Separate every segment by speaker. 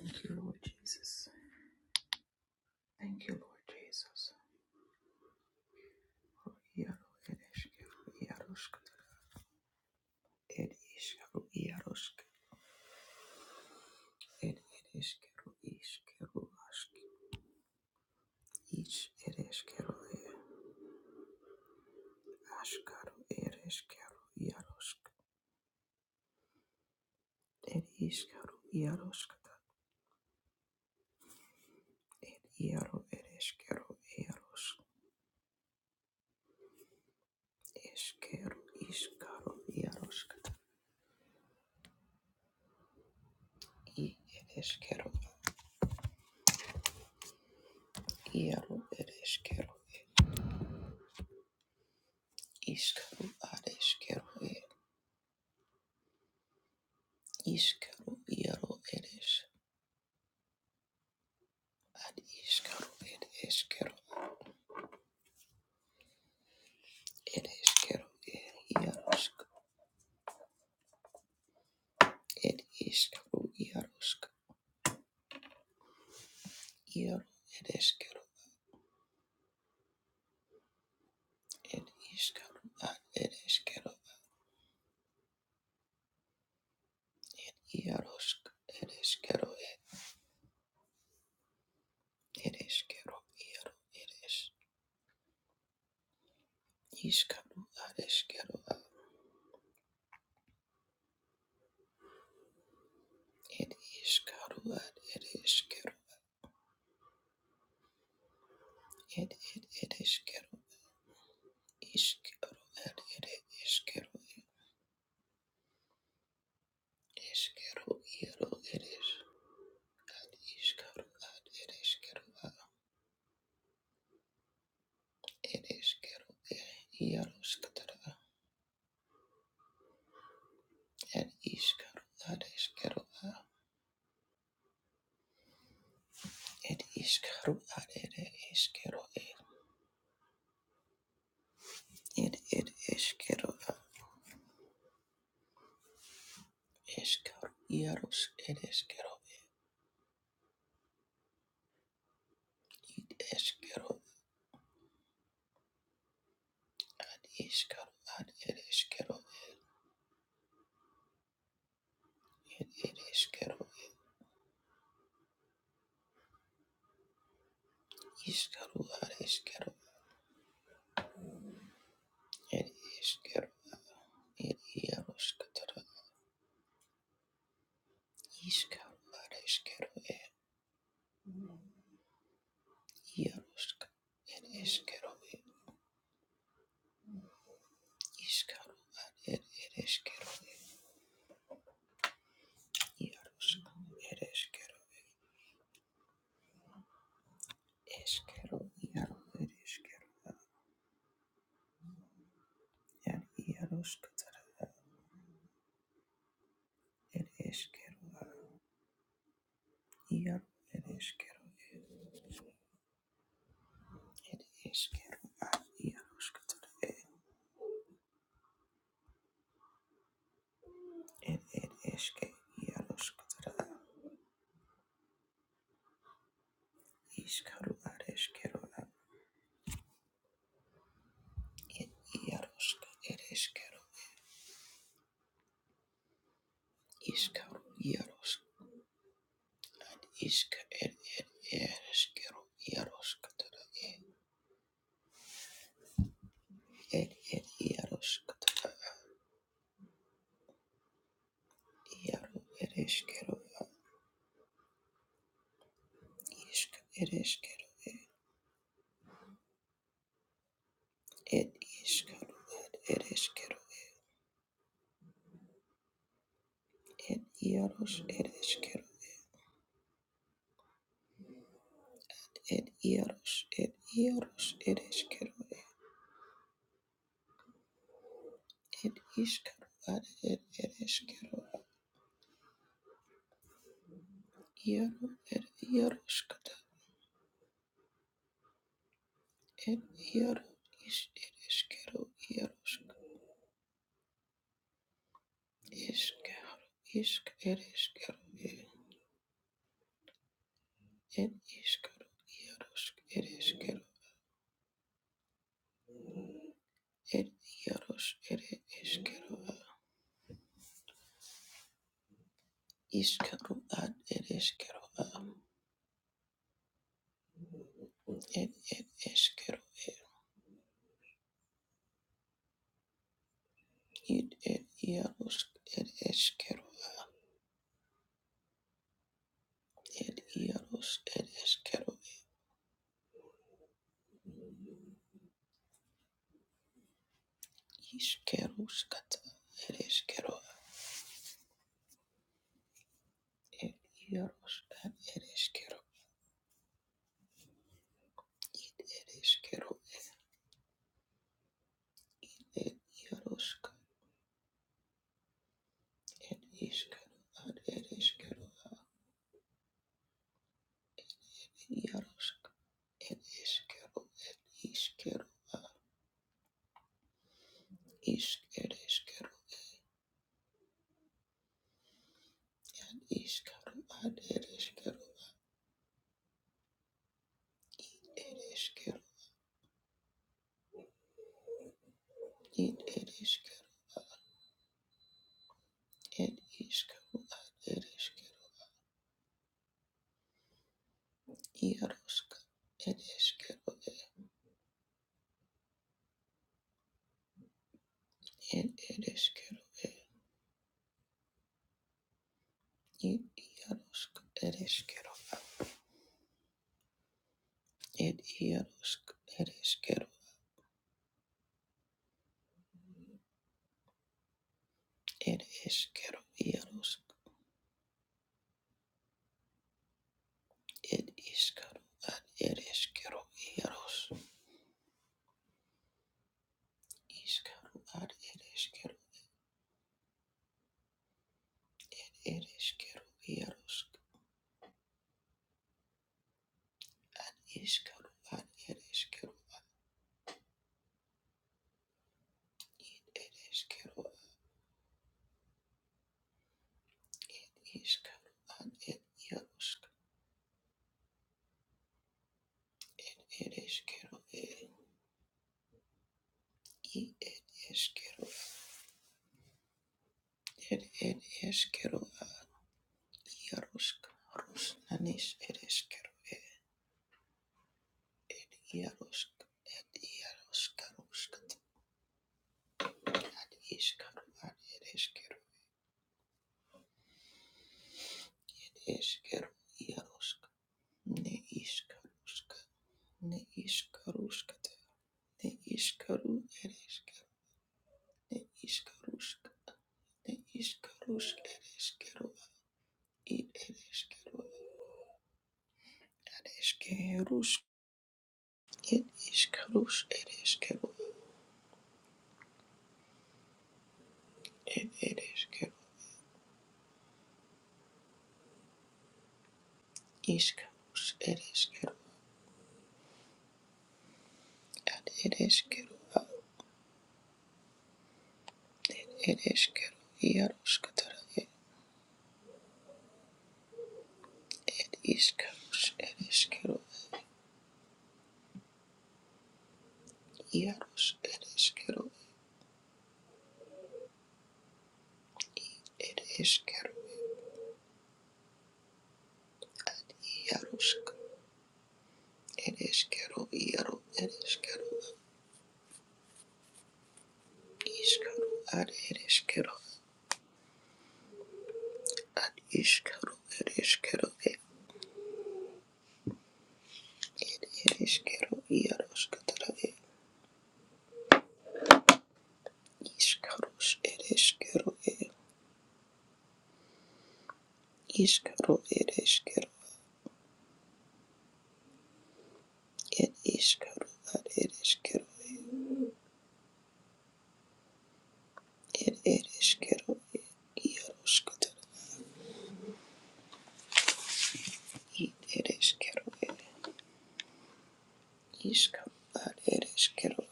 Speaker 1: Thank you, Lord Jesus. Thank you, Lord Jesus. Iaro ed eskero ed iskero iaroskero ed ed eskero iskero ask is ed eskero askaro ed eskero iarosk iaro ed eskero iarosk eskero iskaro i ed iaro ed eskero iskaro Iskero iaro eres ad iskero ed eskero ed eskero er iarosk ed iskero iarosk iaro ed eskero ed iskero ad ed eskero iarosk ed eskero ed ed eskero iaro eres iskero ad eskero ad ed iskero ad ed eskero ed ed ed eskero iskero ad ed eskero ed eskero iaro eres ad ishkaru ad ereshkaru a ereshkaru e yarushkatara ad ishkaru ad eshkaru a ed ishkaru ad ere eshkaru e ed ed eshkaru a eshkaru yarush ereshkaru ed eshkaru ad ishkaru ad ereshkaru ed ereshkaru ishkaru ad eshkaru ed eshkaru ed yarushkatara ishkaru ad eshkaru Yarushka, it is Kero, it is Karo, it is Kero, Yarushka, it is Kero, is Kero, Yaro, it is Kero, and Yarushka, it is Kero, Yaro, it is Kero, it is Kero, Yarushka, it is Kero, Yarushka, is it is Kero, Yarushka, it is Kero, is Karo, Ishk ed ed eskero iaroskatara ed ed ed iaroskatara iaro ed eskero ishk ed eskero ed ed iskaro ed ed eskero ed iaros ed eskero ed iaros ed iaros ed eskero ed iskaro ad ed ed iaro ed iaroskata ed iaro is ed eskero iaroskata Iskero, isk, er Ed iskero, iarosk, ed iskero, ed iaros, ed iskero, iskero, ad ed iskero, ed ed iskero, ed ed iarosk, ed iskero, ed iaros, ed iskero, iskeruskata, ed iskero, ed iaros, ad ed iskero, ed iskero, ed iarosk, ed iskero, ad ed iskero, iarosk, ed iskero, ed iskero. Iskero, iskero, iskero, ad ereskero, ereskero, id ereskero, ed iskero, ad ereskero, iaroska, ereskero, ed ereskero, id iaroska, ereskero, ed iaroska, ereskero, ereskero, iaroska, ed iskero, ad ereskero, iaros, iskero, ad ereskero, ereskero, iaroska. Iskaro ad ed iskero ed iskero ed iskaro ad ed yarusk ed iskero ed i ed iskero ed ed iskero ad yarusk rus nanis ed iskero ed yarusk ed yarusk rusk ad iskaro ad ed iskero iskero yarusk ne iskarusk ne iskarusk ne iskaru ed iskero ne iskarusk Ne ishkarush ereshkeru id ereshkeru ereshkerush id ishkarush ereshkeru ed ereshkeru ishkarush ereshkeru ad ereshkeru ad ereshkeru iarushkatara ed ishkarush ereshkeru ad iarush ereshkeru ed ereshkeru iarushk ereshkeru iaru ereshkeru ishkaru ad ereshkeru ad ishkaru ereshkeru Ereshkigal, Yaroshkatar, Ishkarosh, Ereshkigal, Ishkaro, Ereshkigal, Ed Ishkaro, Ad Ereshkigal, Ed Ereshkigal, Yaroshkatar, Ed Ereshkigal, Ishkaro, Ad Ereshkigal,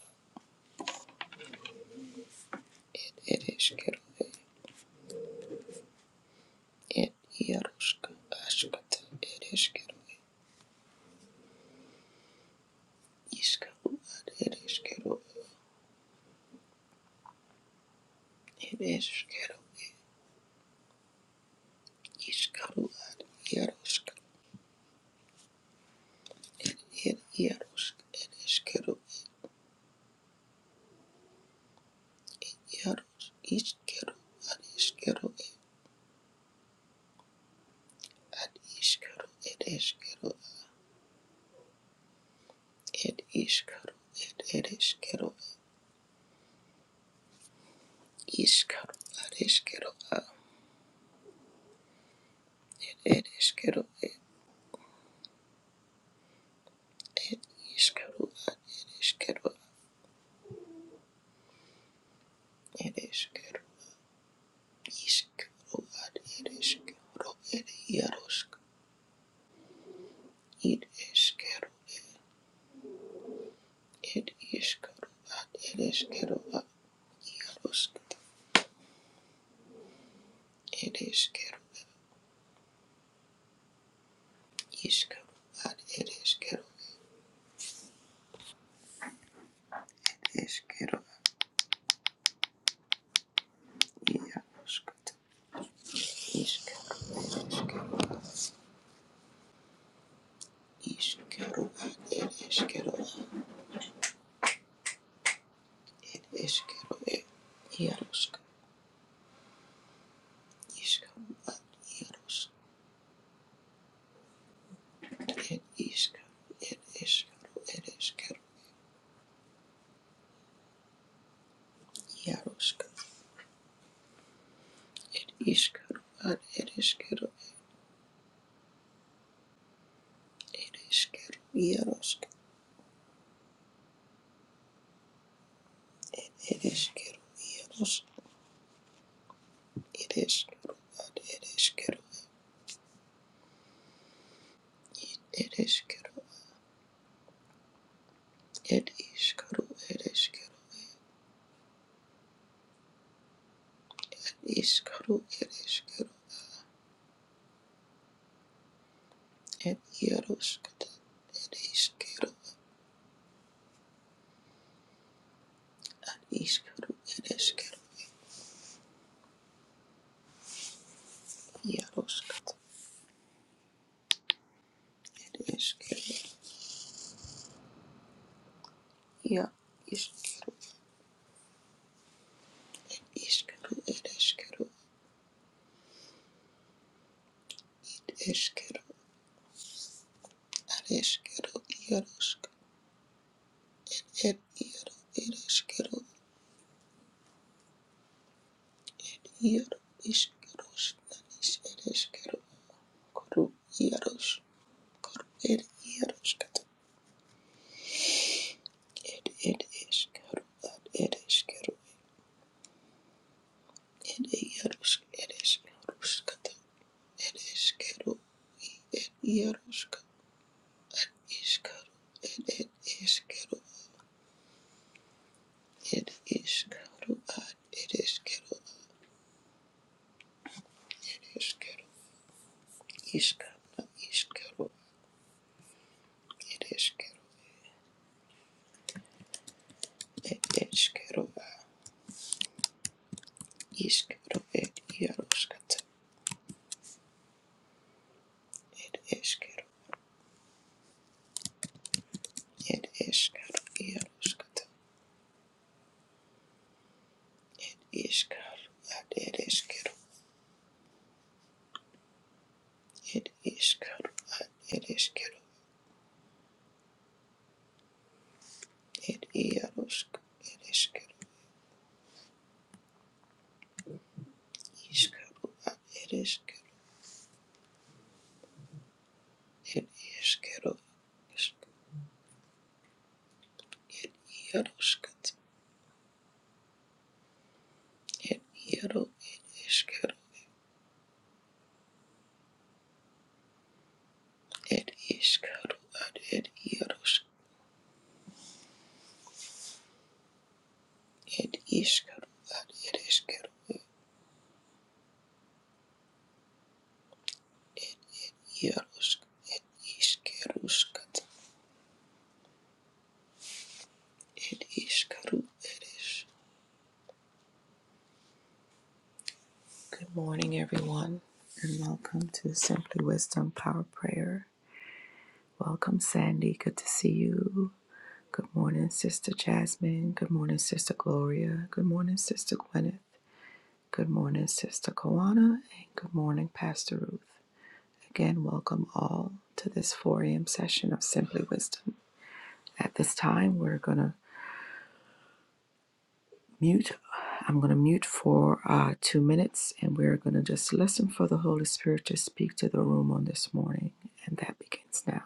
Speaker 1: Ereshkigal, Ed Yaroshka, Ashkatar, Ereshkigal, Ishkaro, Ad Ereshkigal, Ereshkigal, Ishkaro, Ad Yaroshka, Ed Yaroshka, Ereshkigal, Yaros iskero ad iskero ad iskero ed eskero ed iskero ed ed eskero iskero ad eskero ad ed eskero ed iskero ad ed eskero ed eskero iskero ad ed eskero ed yaros id eskero ed iskero ad ed eskero ad yaros ed eskero iskero ad ed eskero eskero Iaroskot, iskero, iskero, ed eskero, ed eskero, ed iarosk, iskero, iarosk, ed iskero, ed eskero, ed eskero, iarosk, ed iskero, ad ed eskero, ed eskero, iarosk, ed eskero, iarosk, ed eskero, ad ed eskero, ed eskero, ed iskero, ed eskero, iskero, Ed Yaroshkat, Ed Ishkero, Ishkero, Ed Eshkero, Yaroshkat, Ed Eshkero, Ya Ishkero, Ishkero, Ed Eshkero, Ed Eshkero, Ed Eshkero, Yaroshkat, Ed Yaro, Ed Eshkero, Yaro, Ishkeroshna, Ish Ed Eshkero, Kuru, Yarosh, Kuru, Ed Yaroshkat, Ed Ed Eshkero, Ed Ed Eshkero, Ed Yarosh, Ed Eshkero, Ed Eshkero, Yarushka Ishkaru ed ed Ishkaru ed Ishkaru ad ed Ishkaru ad Ishkaru Ishkana Ishkaru ed Ishkaru ed Ishkaru ad Ishkaru ed Yarushkata ed Ishkaru ed Ishkaru Yarushkata Ishkaru ad ed Ishkaru ed Ishkaru ad ed Ishkaru ed Yarushk ed Ishkaru Ishkaru ad ed Ishkaru ed Ishkaru Yaroshkat, et Yaro, et Ishkaro, et Ishkaro, ad et Yarosh, et Ishkaro, ad et Ishkaro, Yaroshk, et Ishkarushkat, et Ishkaru, et Ish. Good morning, everyone, and welcome to Simply Wisdom Power Prayer. Welcome, Sandy. Good to see you. Good morning, Sister Jasmine. Good morning, Sister Gloria. Good morning, Sister Gwyneth. Good morning, Sister Kawana, and good morning, Pastor Ruth. Again, welcome all to this 4 a.m. session of Simply Wisdom. At this time, we're going to mute. I'm going to mute for uh, two minutes, and we're going to just listen for the Holy Spirit to speak to the room on this morning, and that begins now.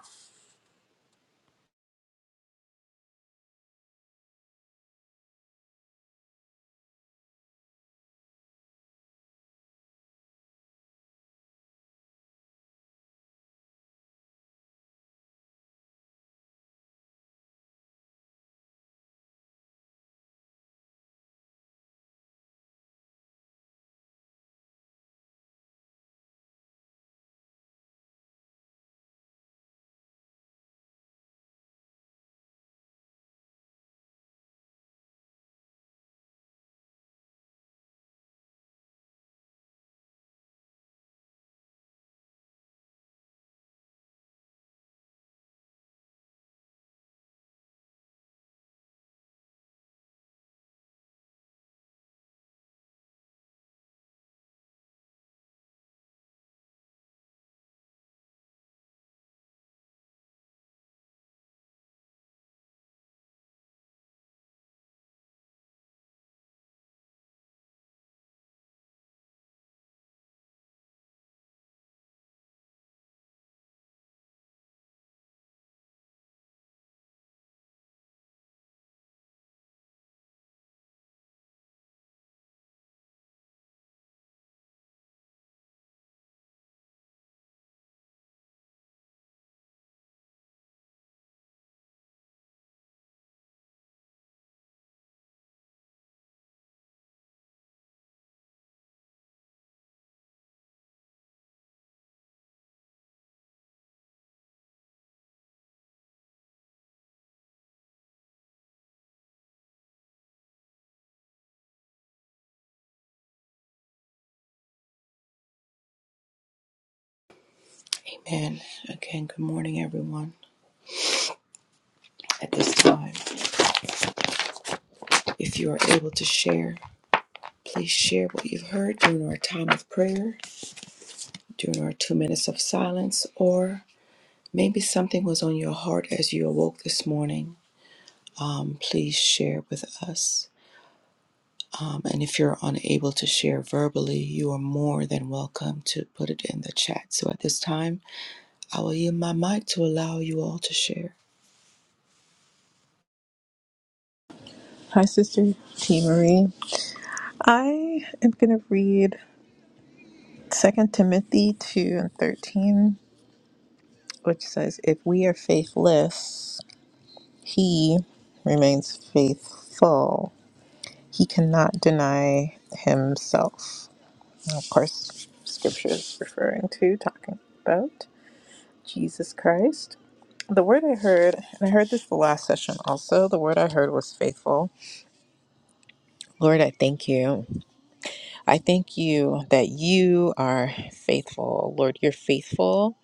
Speaker 1: Amen. Again, good morning, everyone. At this time, if you are able to share, please share what you've heard during our time of prayer, during our two minutes of silence, or Maybe something was on your heart as you awoke this morning. Um, please share with us. Um, and if you're unable to share verbally, you are more than welcome to put it in the chat. So at this time, I will yield my mic to allow you all to share.
Speaker 2: Hi, Sister T. Marie. I am going to read Second Timothy 2 and 13, which says, If we are faithless, he remains faithful. He cannot deny himself. And of course, scripture is referring to, talking about Jesus Christ. The word I heard, and I heard this the last session also, the word I heard was faithful. Lord, I thank you. I thank you that you are faithful. Lord, you're faithful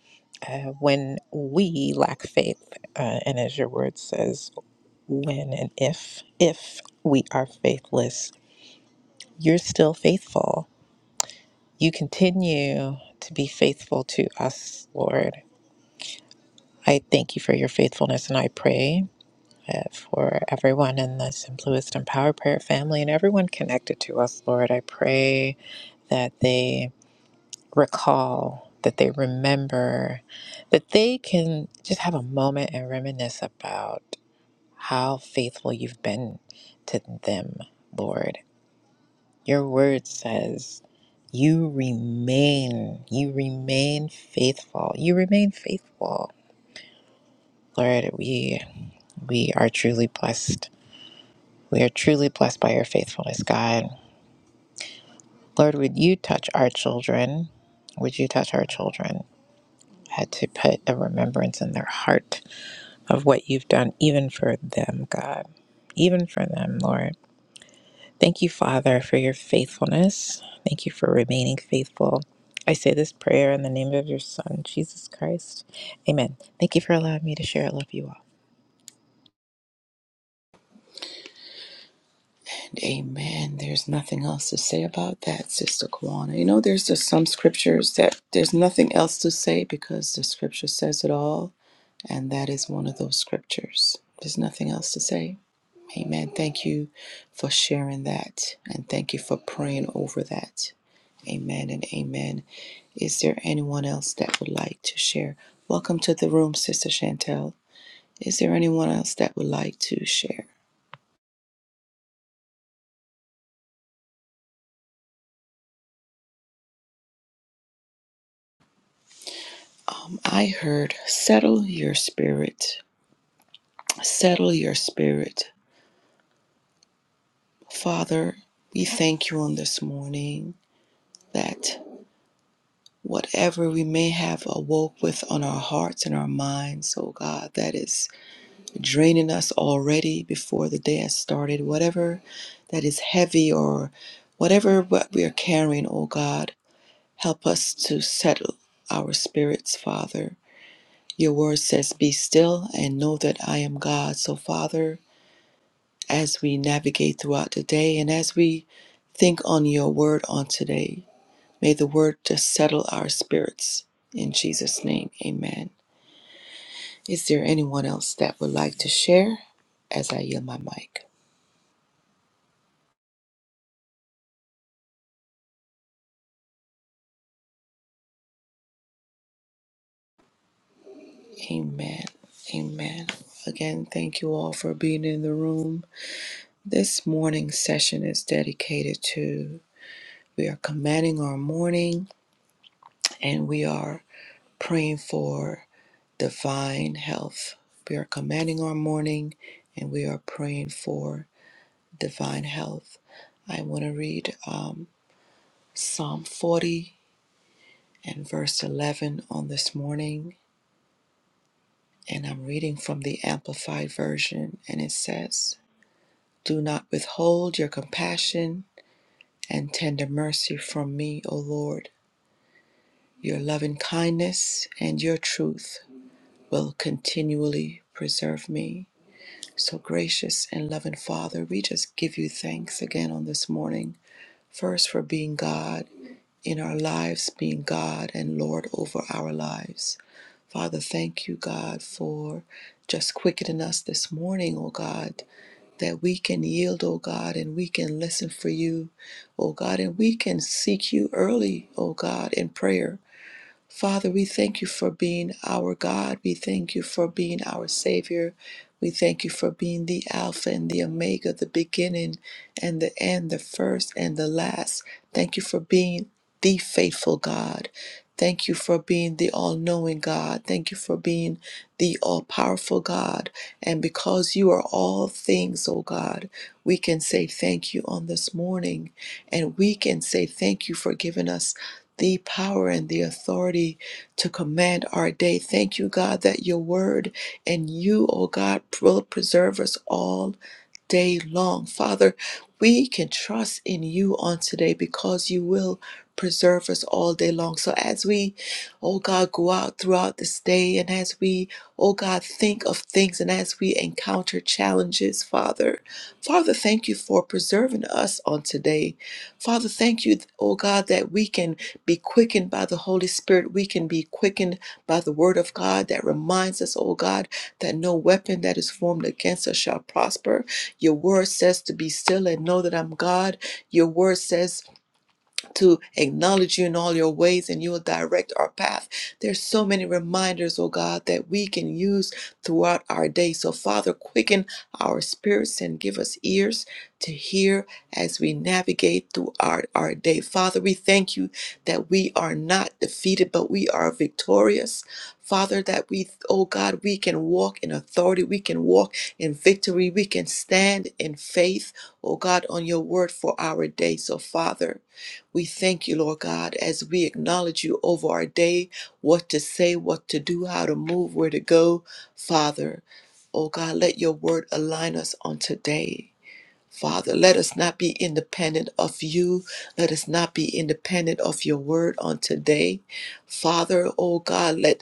Speaker 2: uh, when we lack faith. Uh, and as your word says, when and if, if we are faithless, you're still faithful. You continue to be faithful to us, Lord. I thank you for your faithfulness and I pray uh, for everyone in the Simply Wisdom Power Prayer family and everyone connected to us, Lord. I pray that they recall, that they remember, that they can just have a moment and reminisce about how faithful you've been to them, Lord. Your word says, you remain, you remain faithful. You remain faithful. Lord, we we are truly blessed. We are truly blessed by your faithfulness, God. Lord, would you touch our children? Would you touch our children? Had to put a remembrance in their heart of what you've done, even for them, God, even for them, Lord. Thank you, Father, for your faithfulness. Thank you for remaining faithful. I say this prayer in the name of your Son, Jesus Christ. Amen. Thank you for allowing me to share. I love you all.
Speaker 1: And amen. There's nothing else to say about that, Sister Kwana. You know, there's just some scriptures that there's nothing else to say because the scripture says it all. And that is one of those scriptures. There's nothing else to say. Amen. Thank you for sharing that and thank you for praying over that. Amen and amen. Is there anyone else that would like to share? Welcome to the room, Sister Chantel. Is there anyone else that would like to share? Um, I heard, settle your spirit, settle your spirit. Father, we thank you on this morning that whatever we may have awoke with on our hearts and our minds, oh God, that is draining us already before the day has started, whatever that is heavy or whatever what we are carrying, oh God, help us to settle our spirits, Father. Your word says, Be still and know that I am God. So, Father, as we navigate throughout the day and as we think on your word on today, may the word just settle our spirits. In Jesus' name, amen. Is there anyone else that would like to share as I yield my mic? Amen. Amen. Again, thank you all for being in the room. This morning session is dedicated to we are commanding our morning and we are praying for divine health. We are commanding our morning and we are praying for divine health. I want to read um, Psalm 40 and verse 11 on this morning, and I'm reading from the Amplified Version, and it says, Do not withhold your compassion and tender mercy from me, O Lord. Your loving kindness and your truth will continually preserve me. So, gracious and loving Father, we just give you thanks again on this morning. First, for being God in our lives, being God and Lord over our lives. Father, thank you, God, for just quickening us this morning, O God, that we can yield, O God, and we can listen for you, O God, and we can seek you early, O God, in prayer. Father, we thank you for being our God. We thank you for being our Savior. We thank you for being the Alpha and the Omega, the beginning and the end, the first and the last. Thank you for being the faithful God. Thank you for being the all knowing God. Thank you for being the all powerful God. And because you are all things, oh God, we can say thank you on this morning. And we can say thank you for giving us the power and the authority to command our day. Thank you, God, that your word and you, O God, will preserve us all day long. Father, we can trust in you on today because you will preserve us all day long. So as we, oh God, go out throughout this day and as we, oh God, think of things and as we encounter challenges, Father, Father, thank you for preserving us on today. Father, thank you, oh God, that we can be quickened by the Holy Spirit. We can be quickened by the Word of God that reminds us, oh God, that no weapon that is formed against us shall prosper. Your word says to be still and know that I'm God. Your word says to acknowledge you in all your ways and you will direct our path. There's so many reminders, oh God, that we can use throughout our day. So, Father, quicken our spirits and give us ears to hear as we navigate through our, our day. Father, we thank you that we are not defeated, but we are victorious. Father, that we, oh God, we can walk in authority, we can walk in victory, we can stand in faith, oh God, on your word for our day. So, Father, we thank you, Lord God, as we acknowledge you over our day, what to say, what to do, how to move, where to go. Father, oh God, let your word align us on today. Father, let us not be independent of you. Let us not be independent of your word on today. Father, oh God, let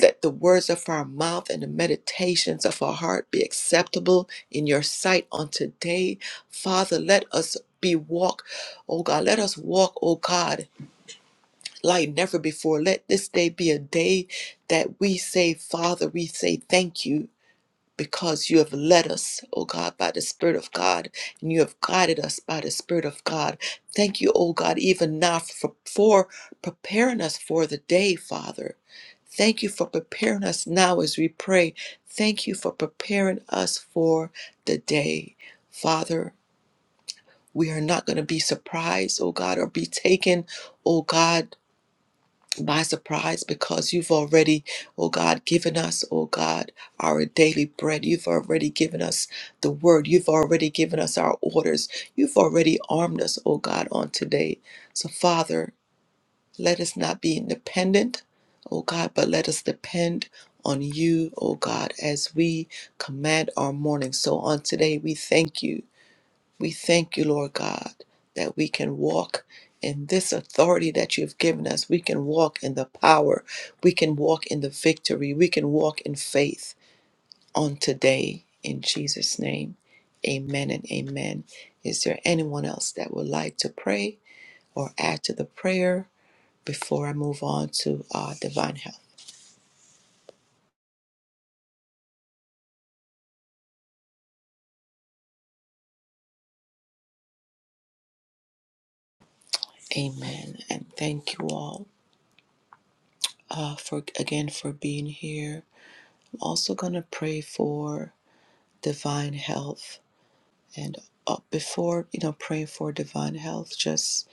Speaker 1: let the words of our mouth and the meditations of our heart be acceptable in your sight on today. Father, let us be walk, oh God, let us walk, oh God, like never before. Let this day be a day that we say, Father, we say thank you because you have led us, oh God, by the Spirit of God, and you have guided us by the Spirit of God. Thank you, oh God, even now for, for preparing us for the day, Father. Thank you for preparing us now as we pray. Thank you for preparing us for the day. Father, we are not going to be surprised, oh God, or be taken, oh God, by surprise because you've already, oh God, given us, oh God, our daily bread. You've already given us the word. You've already given us our orders. You've already armed us, oh God, on today. So, Father, let us not be independent, O God, but let us depend on you, O God, as we command our morning. So on today, we thank you. We thank you, Lord God, that we can walk in this authority that you have given us. We can walk in the power. We can walk in the victory. We can walk in faith on today. In Jesus' name, amen and amen. Is there anyone else that would like to pray or add to the prayer? before I move on to uh, divine health. Amen. And thank you all uh, for again for being here. I'm also gonna pray for divine health. And uh, before you know, praying for divine health, just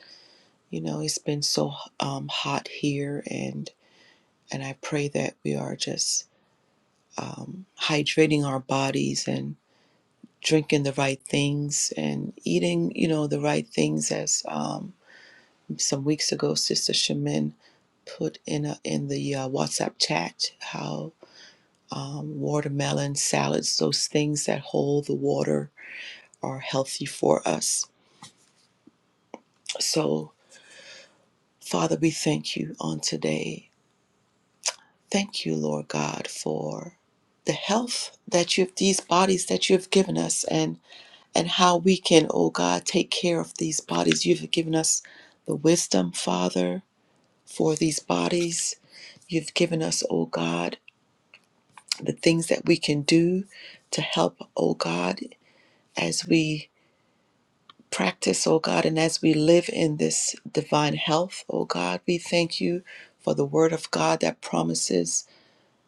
Speaker 1: you know, it's been so um, hot here, and and I pray that we are just um, hydrating our bodies and drinking the right things and eating you know the right things as um, some weeks ago, Sister Shemin put in a, in the uh, WhatsApp chat how um, watermelon salads, those things that hold the water, are healthy for us. So, Father, we thank you on today. Thank you, Lord God, for the health that you have these bodies that you have given us and and how we can oh god take care of these bodies you've given us the wisdom father for these bodies you've given us oh god the things that we can do to help, oh God, as we practice, oh God, and as we live in this divine health, oh God. We thank you for the word of God that promises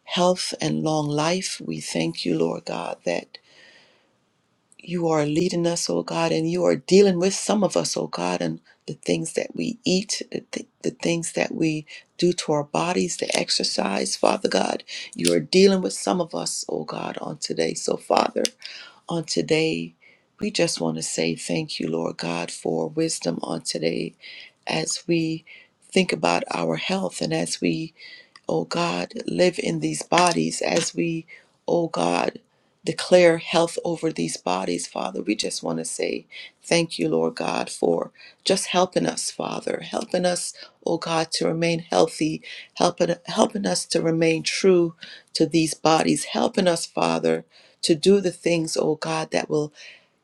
Speaker 1: health and long life. We thank you, Lord God, that you are leading us, oh God, and you are dealing with some of us, oh God, and the things that we eat, the, th- the things that we do to our bodies, the exercise, Father God. You are dealing with some of us, oh God, on today. So, Father, on today. We just want to say thank you, Lord God, for wisdom on today as we think about our health and as we, oh God, live in these bodies, as we, oh God, declare health over these bodies, Father. We just want to say thank you, Lord God, for just helping us, Father, helping us, oh God, to remain healthy, helping, helping us to remain true to these bodies, helping us, Father to do the things, oh God, that will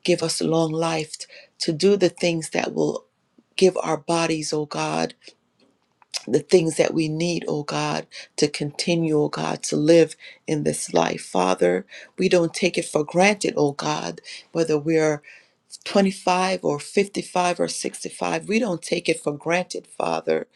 Speaker 1: give us long life, to do the things that will give our bodies, oh God, the things that we need, oh God, to continue, oh God, to live in this life. Father, we don't take it for granted, oh God, whether we're 25 or 55 or 65. We don't take it for granted, Father,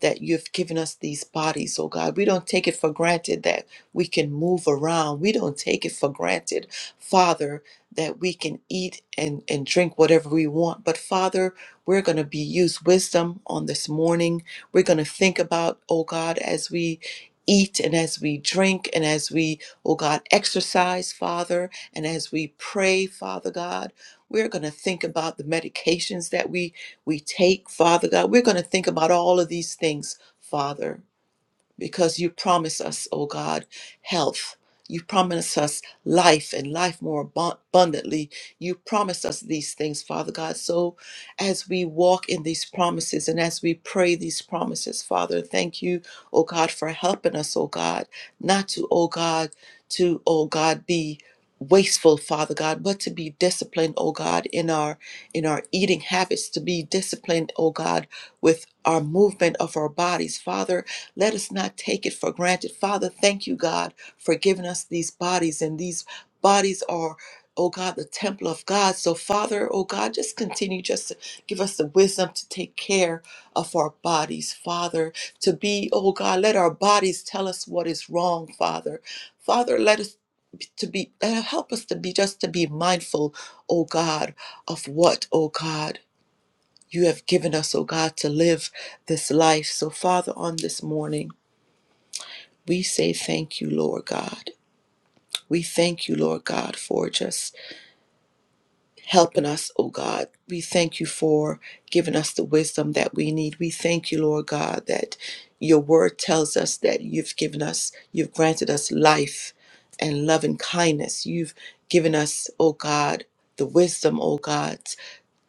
Speaker 1: that you've given us these bodies, oh God. We don't take it for granted that we can move around. We don't take it for granted, Father, that we can eat and, and drink whatever we want. But Father, we're going to be use wisdom on this morning. We're going to think about, oh God, as we eat and as we drink and as we, oh God, exercise, Father, and as we pray, Father God. We're going to think about the medications that we we take, Father God. We're going to think about all of these things, Father because you promise us, O God, health. You promise us life and life more abun- abundantly. You promise us these things, Father God. So as we walk in these promises and as we pray these promises, Father, thank you, O God, for helping us, O God, not to, O God, to, O God, be wasteful father god but to be disciplined O god in our in our eating habits to be disciplined O god with our movement of our bodies father let us not take it for granted. Father, thank you, God, for giving us these bodies, and these bodies are. Oh God, the temple of God. So, Father, oh God, just continue just to give us the wisdom to take care of our bodies, Father, to be, oh God, let our bodies tell us what is wrong, Father. Father, let us to be, uh, help us to be just to be mindful, oh God, of what, oh God, you have given us, oh God, to live this life. So, Father, on this morning, we say thank you, Lord God. We thank you, Lord God, for just helping us, oh God. We thank you for giving us the wisdom that we need. We thank you, Lord God, that your word tells us that you've given us, you've granted us life and love and kindness. You've given us, oh God, the wisdom, oh God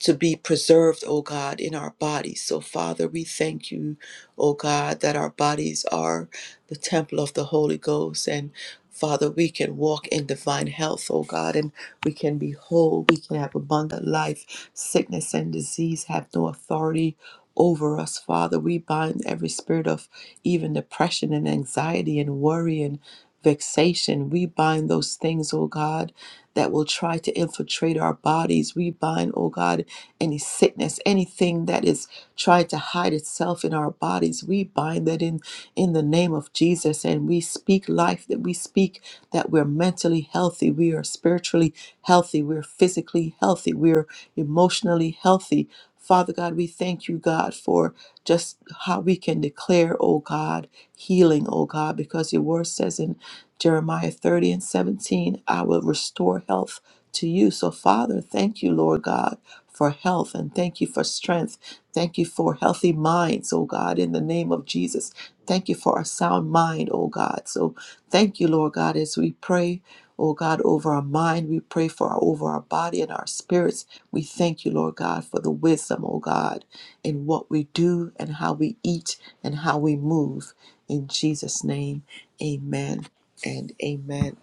Speaker 1: to be preserved, O God, in our bodies. So, Father, we thank you, O God, that our bodies are the temple of the Holy Ghost. And, Father, we can walk in divine health, O God, and we can be whole. We can have abundant life. Sickness and disease have no authority over us, Father. We bind every spirit of even depression and anxiety and worry and vexation. We bind those things, O God, that will try to infiltrate our bodies. We bind, O God, any sickness, anything that is trying to hide itself in our bodies. We bind that in in the name of Jesus and we speak life that we speak that we're mentally healthy, we are spiritually healthy, we're physically healthy, we're emotionally healthy. Father God, we thank you, God, for just how we can declare, oh God, healing, oh God, because your word says in Jeremiah 30 and 17, I will restore health to you. So, Father, thank you, Lord God for health and thank you for strength. Thank you for healthy minds, oh God, in the name of Jesus. Thank you for a sound mind, oh God. So thank you, Lord God, as we pray. Oh God, over our mind, we pray for our, over our body and our spirits. We thank you, Lord God, for the wisdom, oh God, in what we do and how we eat and how we move. In Jesus' name, amen and amen.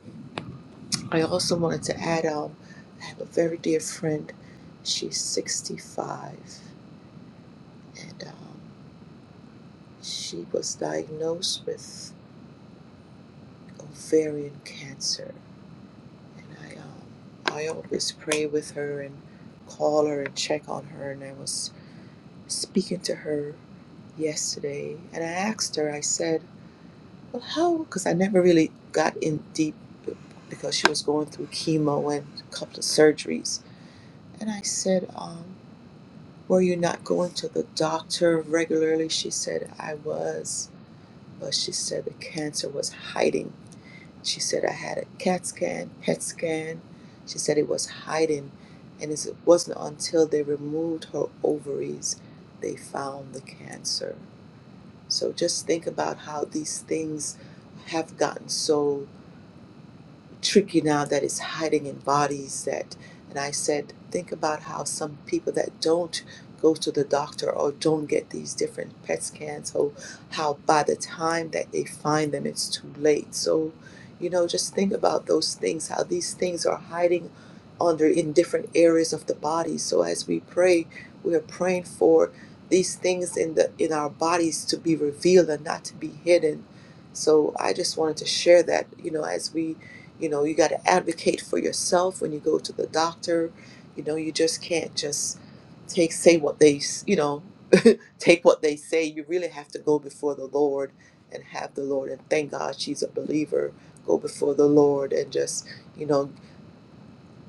Speaker 1: I also wanted to add um, I have a very dear friend. She's 65, and um, she was diagnosed with ovarian cancer. And I, um, I always pray with her and call her and check on her. And I was speaking to her yesterday, and I asked her. I said, "Well, how?" Because I never really got in deep because she was going through chemo and a couple of surgeries. And I said, um, Were you not going to the doctor regularly? She said, I was. But she said the cancer was hiding. She said, I had a CAT scan, PET scan. She said it was hiding. And it wasn't until they removed her ovaries they found the cancer. So just think about how these things have gotten so tricky now that is hiding in bodies that and i said think about how some people that don't go to the doctor or don't get these different pet scans or how by the time that they find them it's too late so you know just think about those things how these things are hiding under in different areas of the body so as we pray we are praying for these things in the in our bodies to be revealed and not to be hidden so i just wanted to share that you know as we you know, you got to advocate for yourself when you go to the doctor. You know, you just can't just take say what they s- you know take what they say. You really have to go before the Lord and have the Lord and thank God she's a believer. Go before the Lord and just you know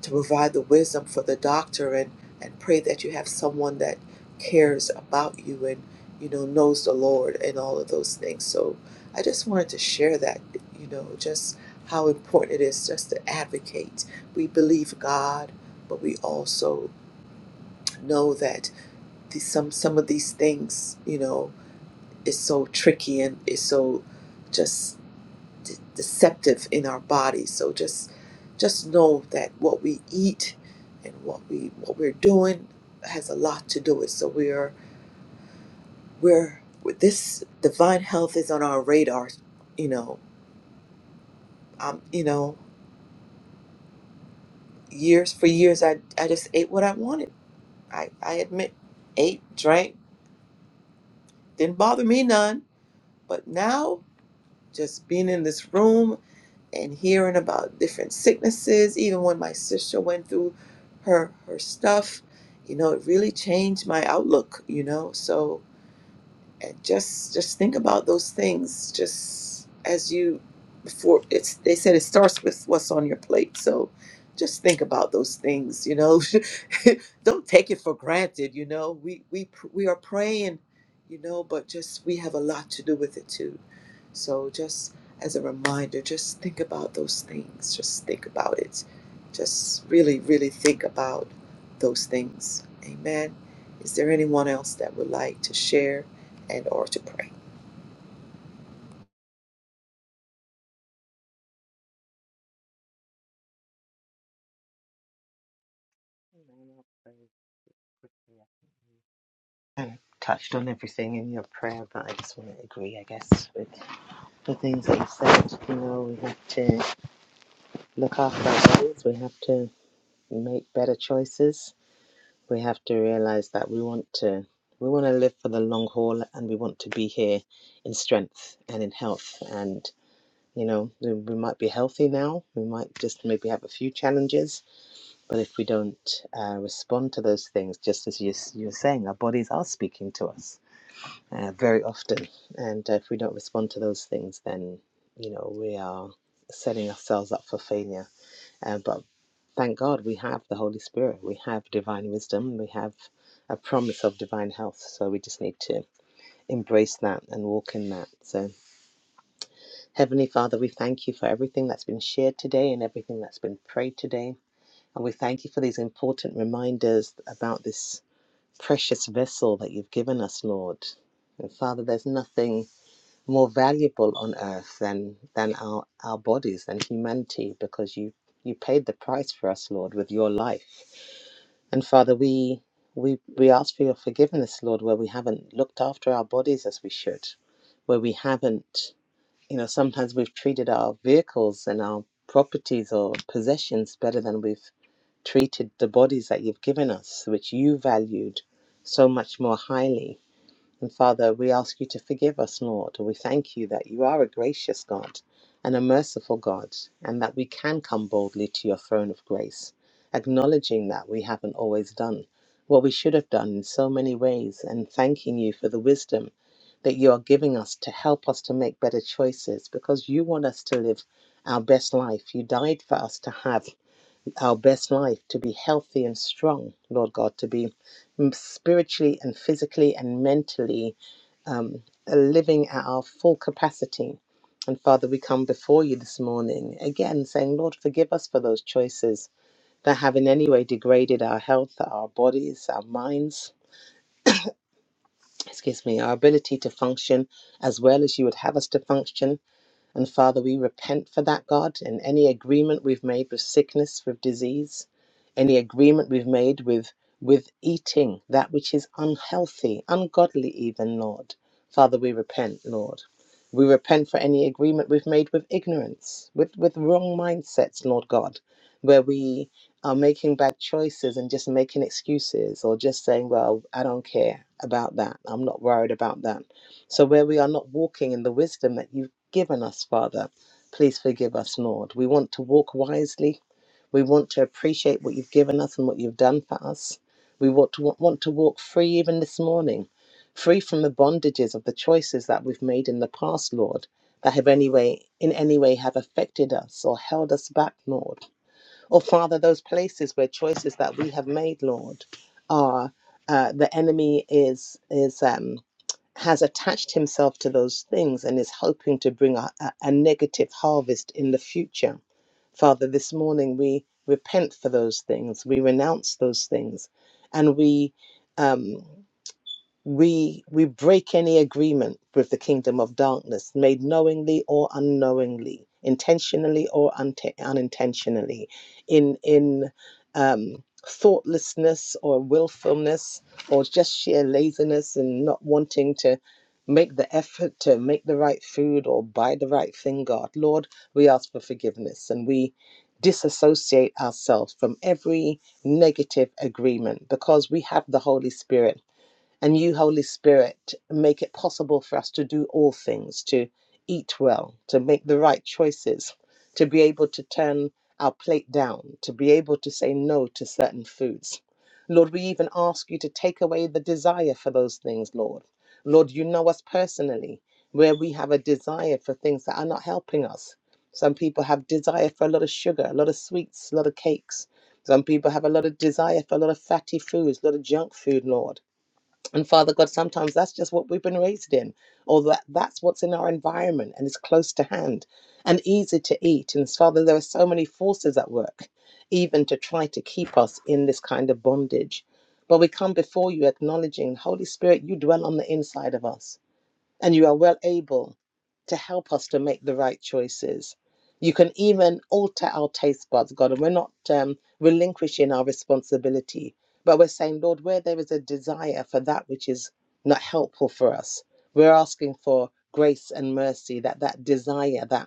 Speaker 1: to provide the wisdom for the doctor and, and pray that you have someone that cares about you and you know knows the Lord and all of those things. So I just wanted to share that, you know, just how important it is just to advocate. We believe God, but we also know that the, some some of these things, you know, is so tricky and is so just de- deceptive in our bodies. So just just know that what we eat and what we what we're doing has a lot to do with. So we're we're with this divine health is on our radar. You know, um, you know, years for years I I just ate what I wanted. I I admit, ate, drank, didn't bother me none. But now Just being in this room and hearing about different sicknesses, even when my sister went through her her stuff, you know, it really changed my outlook, you know. So and just just think about those things just as you before it's they said it starts with what's on your plate. So just think about those things, you know. Don't take it for granted, you know. We we pr- we are praying, you know, but just we have a lot to do with it too. So just as a reminder, just think about those things. Just think about it. Just really really think about those things. Amen. Is there anyone else that would like to share? and or to pray.
Speaker 3: kind of touched on everything in your prayer, but I just want to agree, I guess, with the things that you said. You know, we have to look after our bodies, we have to make better choices, we have to realize that we want to. We want to live for the long haul and we want to be here in strength and in health. And, you know, we, we might be healthy now, we might just maybe have a few challenges, but if we don't uh, respond to those things, just as you, you're saying, our bodies are speaking to us uh, very often. And uh, if we don't respond to those things, then you know we are setting ourselves up for failure. Uh, but thank God we have the Holy Spirit, we have divine wisdom, we have a promise of divine health. So we just need to embrace that and walk in that. So Heavenly Father, we thank you for everything that's been shared today and everything that's been prayed today. And we thank you for these important reminders about this precious vessel that you've given us, Lord. And Father, there's nothing more valuable on earth than than our our bodies than humanity because you you paid the price for us lord with your life and father we we we ask for your forgiveness lord where we haven't looked after our bodies as we should where we haven't you know sometimes we've treated our vehicles and our properties or possessions better than we've treated the bodies that you've given us which you valued so much more highly and Father, we ask you to forgive us, Lord. We thank you that you are a gracious God and a merciful God, and that we can come boldly to your throne of grace, acknowledging that we haven't always done what we should have done in so many ways, and thanking you for the wisdom that you are giving us to help us to make better choices because you want us to live our best life. You died for us to have our best life, to be healthy and strong, Lord God, to be spiritually and physically and mentally um, living at our full capacity. And Father, we come before you this morning again saying, Lord, forgive us for those choices that have in any way degraded our health, our bodies, our minds, excuse me, our ability to function as well as you would have us to function. And Father, we repent for that, God, and any agreement we've made with sickness, with disease, any agreement we've made with with eating that which is unhealthy, ungodly even, Lord. Father, we repent, Lord. We repent for any agreement we've made with ignorance, with, with wrong mindsets, Lord God, where we are making bad choices and just making excuses or just saying, well, I don't care about that. I'm not worried about that. So, where we are not walking in the wisdom that you've given us, Father. Please forgive us, Lord. We want to walk wisely. We want to appreciate what you've given us and what you've done for us. We want to, want to walk free even this morning, free from the bondages of the choices that we've made in the past, Lord, that have any way, in any way have affected us or held us back, Lord. Or, Father, those places where choices that we have made, Lord, are uh, the enemy is is um, has attached himself to those things and is hoping to bring a, a, a negative harvest in the future. Father, this morning we repent for those things, we renounce those things, and we. Um, we we break any agreement with the kingdom of darkness made knowingly or unknowingly intentionally or unte- unintentionally in in um thoughtlessness or willfulness or just sheer laziness and not wanting to make the effort to make the right food or buy the right thing god lord we ask for forgiveness and we disassociate ourselves from every negative agreement because we have the holy spirit and you, Holy Spirit, make it possible for us to do all things, to eat well, to make the right choices, to be able to turn our plate down, to be able to say no to certain foods. Lord, we even ask you to take away the desire for those things, Lord. Lord, you know us personally, where we have a desire for things that are not helping us. Some people have desire for a lot of sugar, a lot of sweets, a lot of cakes. Some people have a lot of desire for a lot of fatty foods, a lot of junk food, Lord. And Father God, sometimes that's just what we've been raised in, or that, that's what's in our environment and is close to hand and easy to eat. And Father, there are so many forces at work, even to try to keep us in this kind of bondage. But we come before you acknowledging, Holy Spirit, you dwell on the inside of us and you are well able to help us to make the right choices. You can even alter our taste buds, God, and we're not um, relinquishing our responsibility, but we're saying, Lord, where there is a desire for that which is not helpful for us, we're asking for grace and mercy that that desire, that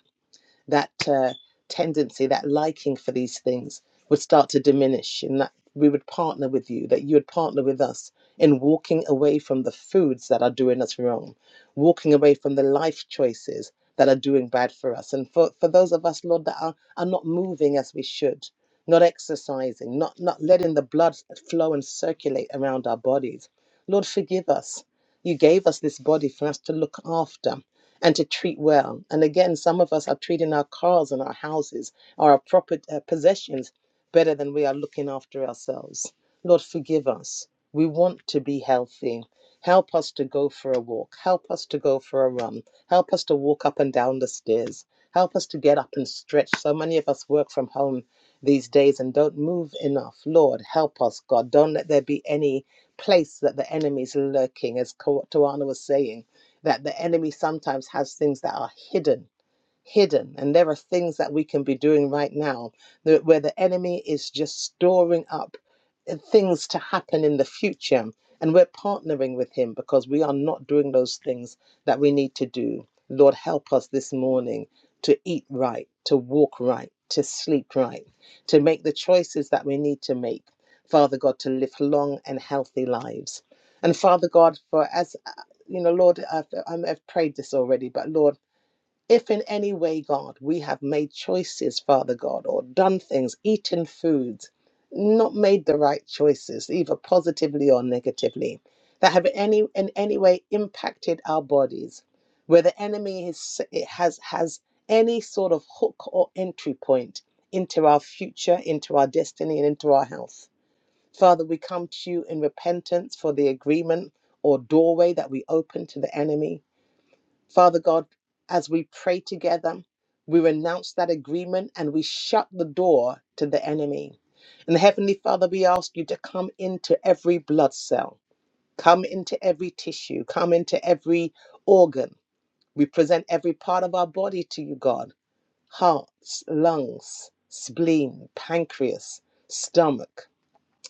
Speaker 3: that uh, tendency, that liking for these things would start to diminish, and that we would partner with you, that you would partner with us in walking away from the foods that are doing us wrong, walking away from the life choices that are doing bad for us. And for, for those of us, Lord, that are, are not moving as we should, not exercising, not, not letting the blood flow and circulate around our bodies, Lord, forgive us. You gave us this body for us to look after and to treat well. And again, some of us are treating our cars and our houses, our proper uh, possessions, better than we are looking after ourselves. Lord, forgive us. We want to be healthy. Help us to go for a walk. Help us to go for a run. Help us to walk up and down the stairs. Help us to get up and stretch. So many of us work from home these days and don't move enough. Lord, help us, God. Don't let there be any place that the enemy is lurking, as Tawana was saying that the enemy sometimes has things that are hidden hidden. And there are things that we can be doing right now that, where the enemy is just storing up uh, things to happen in the future. And we're partnering with him because we are not doing those things that we need to do. Lord, help us this morning to eat right, to walk right, to sleep right, to make the choices that we need to make. Father God, to live long and healthy lives. And Father God, for as uh, you know, Lord, I've, I've prayed this already, but Lord, if in any way, God, we have made choices, Father God, or done things, eaten foods, not made the right choices, either positively or negatively, that have any in any way impacted our bodies, where the enemy is, it has has any sort of hook or entry point into our future, into our destiny, and into our health. Father, we come to you in repentance for the agreement or doorway that we open to the enemy. Father God, as we pray together, we renounce that agreement and we shut the door to the enemy. And Heavenly Father, we ask you to come into every blood cell, come into every tissue, come into every organ. We present every part of our body to you, God hearts, lungs, spleen, pancreas, stomach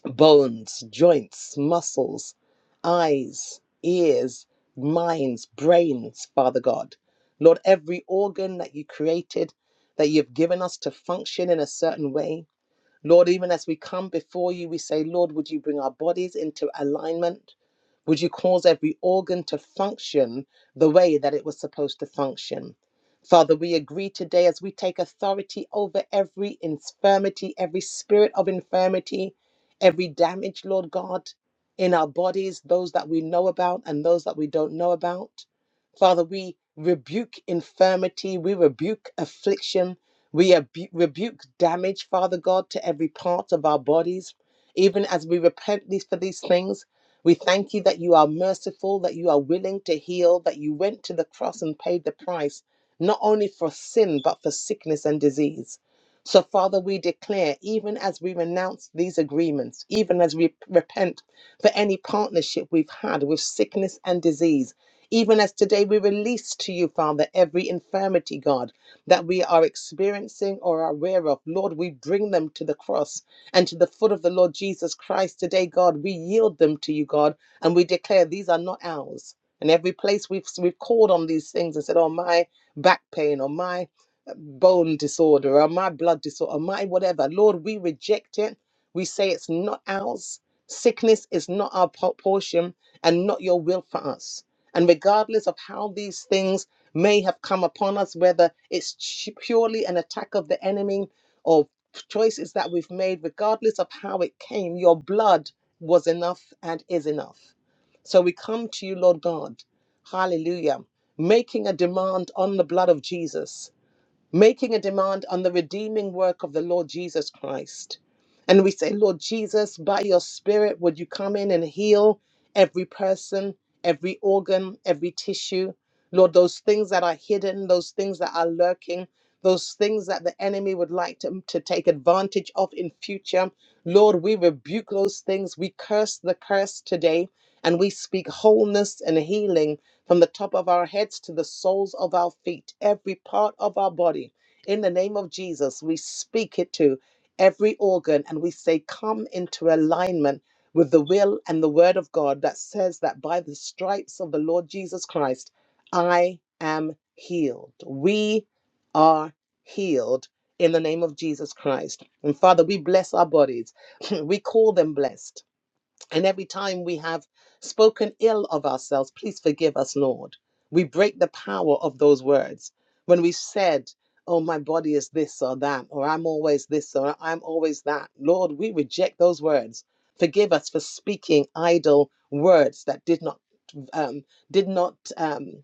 Speaker 3: bones, joints, muscles, eyes, ears, minds, brains, Father God. Lord, every organ that you created, that you've given us to function in a certain way, Lord, even as we come before you, we say, Lord, would you bring our bodies into alignment? Would you cause every organ to function the way that it was supposed to function? Father, we agree today as we take authority over every infirmity, every spirit of infirmity, every damage, Lord God, in our bodies, those that we know about and those that we don't know about. Father, we rebuke infirmity, we rebuke affliction, we abu- rebuke damage, Father God, to every part of our bodies. Even as we repent these, for these things, we thank you that you are merciful, that you are willing to heal, that you went to the cross and paid the price, not only for sin, but for sickness and disease. So, Father, we declare, even as we renounce these agreements, even as we repent for any partnership we've had with sickness and disease, even as today we release to you, Father, every infirmity, God that we are experiencing or are aware of, Lord, we bring them to the cross and to the foot of the Lord Jesus Christ today, God. We yield them to you, God, and we declare these are not ours. And every place we've we've called on these things and said, "Oh, my back pain, or my uh, bone disorder, or my blood disorder, or my whatever," Lord, we reject it. We say it's not ours. Sickness is not our po- portion and not your will for us. And regardless of how these things may have come upon us, whether it's purely an attack of the enemy or choices that we've made, regardless of how it came, your blood was enough and is enough. So we come to you, Lord God. Hallelujah. Making a demand on the blood of Jesus making a demand on the redeeming work of the Lord Jesus Christ. And we say, Lord Jesus, by your Spirit, would you come in and heal every person, every organ, every tissue? Lord, those things that are hidden, those things that are lurking, those things that the enemy would like to, to take advantage of in future. Lord, we rebuke those things. We curse the curse today and we speak wholeness and healing from the top of our heads to the soles of our feet, every part of our body. In the name of Jesus, we speak it to every organ and we say, Come into alignment with the will and the word of God that says that by the stripes of the Lord Jesus Christ, I am healed. We are healed in the name of Jesus Christ. And Father, we bless our bodies, we call them blessed. And every time we have spoken ill of ourselves, please forgive us, Lord. We break the power of those words. When we said, Oh, my body is this or that, or I'm always this or I'm always that, Lord, we reject those words. Forgive us for speaking idle words that did not um, did not um,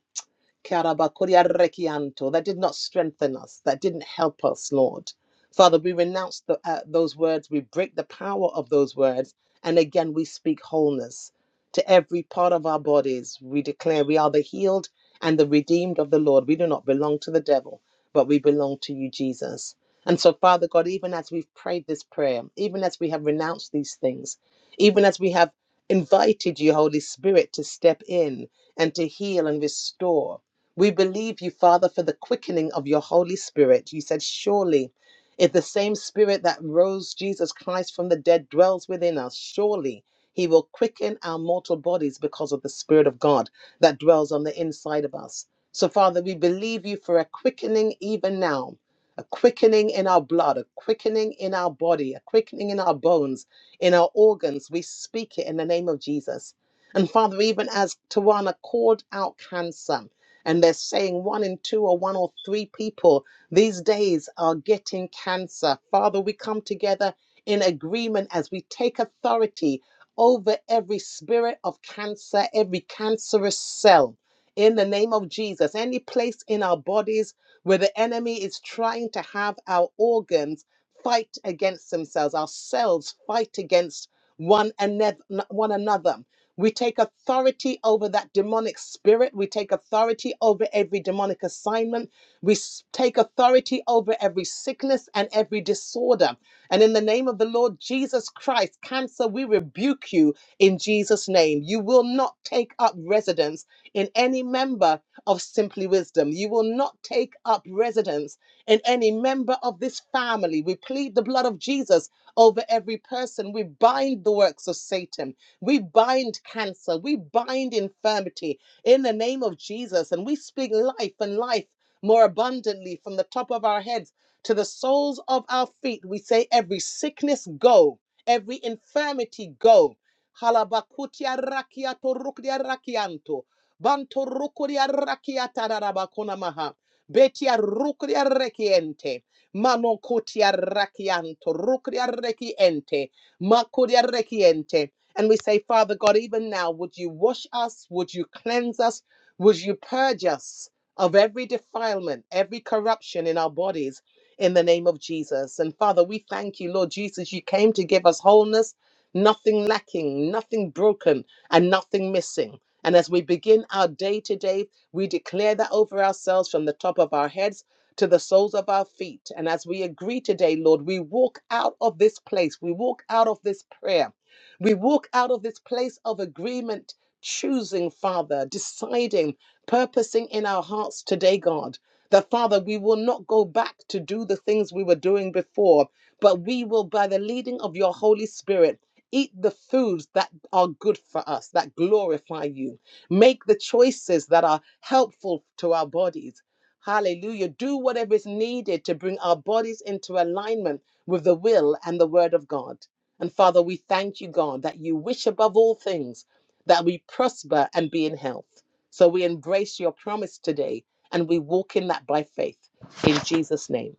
Speaker 3: Karabakuryarekianto, that did not strengthen us, that didn't help us, Lord. Father, we renounce the, uh, those words, we break the power of those words, and again we speak wholeness to every part of our bodies. We declare we are the healed and the redeemed of the Lord. We do not belong to the devil, but we belong to you, Jesus. And so, Father God, even as we've prayed this prayer, even as we have renounced these things, even as we have invited you, Holy Spirit, to step in and to heal and restore, we believe you, Father, for the quickening of your Holy Spirit. You said, Surely, if the same Spirit that rose Jesus Christ from the dead dwells within us, surely he will quicken our mortal bodies because of the Spirit of God that dwells on the inside of us. So, Father, we believe you for a quickening even now. A quickening in our blood, a quickening in our body, a quickening in our bones, in our organs. We speak it in the name of Jesus. And Father, even as Tawana called out cancer, and they're saying one in two or one or three people these days are getting cancer. Father, we come together in agreement as we take authority over every spirit of cancer, every cancerous cell. In the name of Jesus, any place in our bodies where the enemy is trying to have our organs fight against themselves, our cells fight against one another, one another we take authority over that demonic spirit. We take authority over every demonic assignment. We s- take authority over every sickness and every disorder. And in the name of the Lord Jesus Christ, cancer, we rebuke you in Jesus' name. You will not take up residence in any member of Simply Wisdom. You will not take up residence in any member of this family. We plead the blood of Jesus over every person. We bind the works of Satan. We bind cancer. We bind infirmity in the name of Jesus. And we speak life and life more abundantly from the top of our heads to the soles of our feet. We say, every sickness go, every infirmity go. Halabakutia rakia torukdia rakianto. Banto rukuria rakia tararabakuna maha. Betia rukuria rekiente. Mano kutia rakianto. Rukria rekiente. Makuria rekiente. And we say, Father God, even now, would you wash us? Would you cleanse us? Would you purge us of every defilement, every corruption in our bodies in the name of Jesus? And Father, we thank you, Lord Jesus, you came to give us wholeness, nothing lacking, nothing broken, and nothing missing. And as we begin our day today, we declare that over ourselves from the top of our heads to the soles of our feet. And as we agree today, Lord, we walk out of this place, we walk out of this prayer we walk out of this place of agreement, choosing, Father, deciding, purposing in our hearts today, God, that, Father, we will not go back to do the things we were doing before, but we will, by the leading of your Holy Spirit, eat the foods that are good for us, that glorify you. Make the choices that are helpful to our bodies. Hallelujah. Do whatever is needed to bring our bodies into alignment with the will and the word of God. And Father, we thank you, God, that you wish above all things that we prosper and be in health. So we embrace your promise today and we walk in that by faith. In Jesus' name,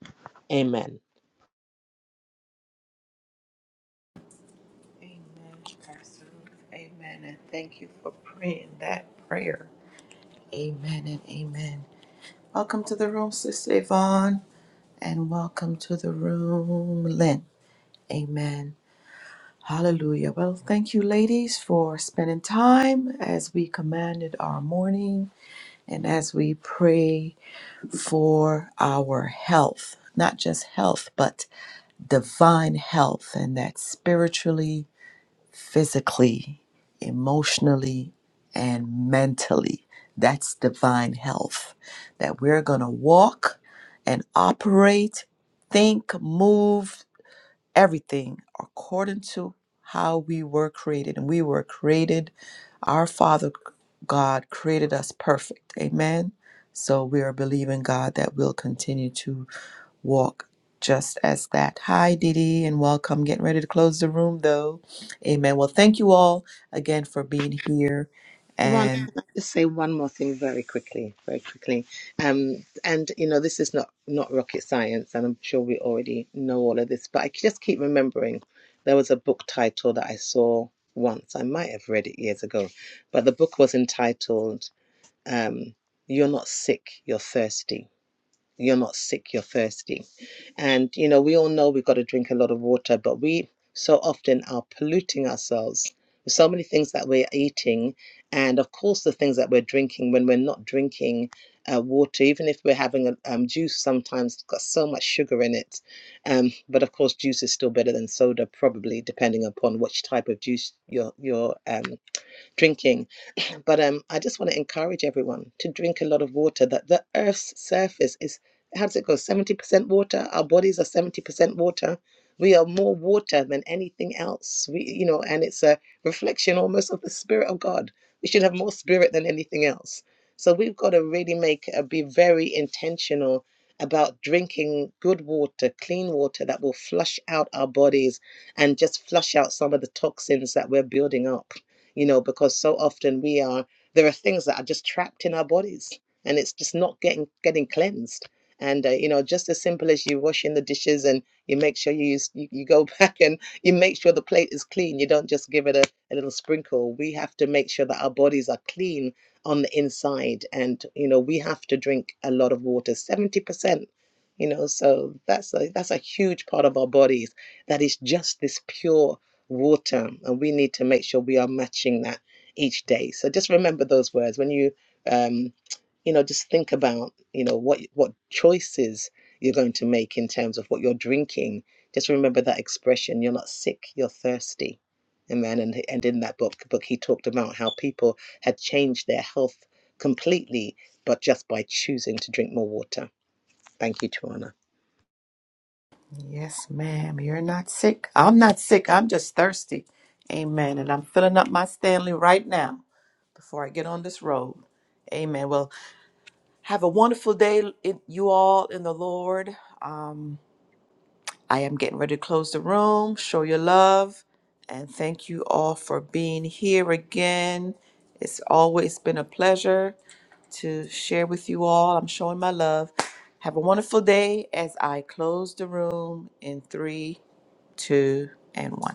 Speaker 3: amen.
Speaker 1: Amen, Pastor Ruth. Amen. And thank you for praying that prayer. Amen and amen. Welcome to the room, Sister Yvonne, and welcome to the room, Lynn. Amen. Hallelujah. Well, thank you, ladies, for spending time as we commanded our morning and as we pray for our health, not just health, but divine health, and that spiritually physically, emotionally, and mentally. That's divine health. That we're going to walk and operate, think, move, everything according to how we were created. And we were created, our Father God created us perfect. Amen. So we are believing God that we'll continue to walk just as that. Hi, Didi, and welcome. Getting ready to close the room, though. Amen. Well, thank you all again for being here.
Speaker 3: Ron,
Speaker 1: and.
Speaker 3: can I just say one more thing very quickly, very quickly? Um, and you know, this is not not rocket science, and I'm sure we already know all of this, but I just keep remembering there was a book title that I saw once. I might have read it years ago, but the book was entitled um, you're not sick, you're thirsty. You're not sick, you're thirsty. And, you know, we all know we've got to drink a lot of water, but we so often are polluting ourselves with so many things that we're eating. And of course, the things that we're drinking when we're not drinking uh, water, even if we're having a um, juice, sometimes it's got so much sugar in it. Um, but of course, juice is still better than soda, probably, depending upon which type of juice you're, you're um, drinking but um, I just want to encourage everyone to drink a lot of water. That the Earth's surface is how does it go? Seventy percent water. Our bodies are seventy percent water. We are more water than anything else. We, you know, and it's a reflection almost of the spirit of God. We should have more spirit than anything else. So we've got to really make uh, be very intentional about drinking good water, clean water that will flush out our bodies and just flush out some of the toxins that we're building up you know, because so often we are, there are things that are just trapped in our bodies and it's just not getting, getting cleansed. And, uh, you know, just as simple as you washing the dishes and you make sure you use, you, you go back and you make sure the plate is clean. You don't just give it a, a little sprinkle. We have to make sure that our bodies are clean on the inside. And, you know, we have to drink a lot of water, 70%. You know, so that's a that's a huge part of our bodies that is just this pure water and we need to make sure we are matching that each day so just remember those words when you um you know just think about you know what what choices you're going to make in terms of what you're drinking just remember that expression you're not sick you're thirsty amen and and in that book book he talked about how people had changed their health completely but just by choosing to drink more water thank you Tawana.
Speaker 1: Yes, ma'am. You're not sick. I'm not sick. I'm just thirsty. Amen. And I'm filling up my Stanley right now before I get on this road. Amen. Well, have a wonderful day, in- you all in the Lord. Um, I am getting ready to close the room. Show your love. And thank you all for being here again. It's always been a pleasure to share with you all. I'm showing my love. Have a wonderful day as I close the room in three two, and one.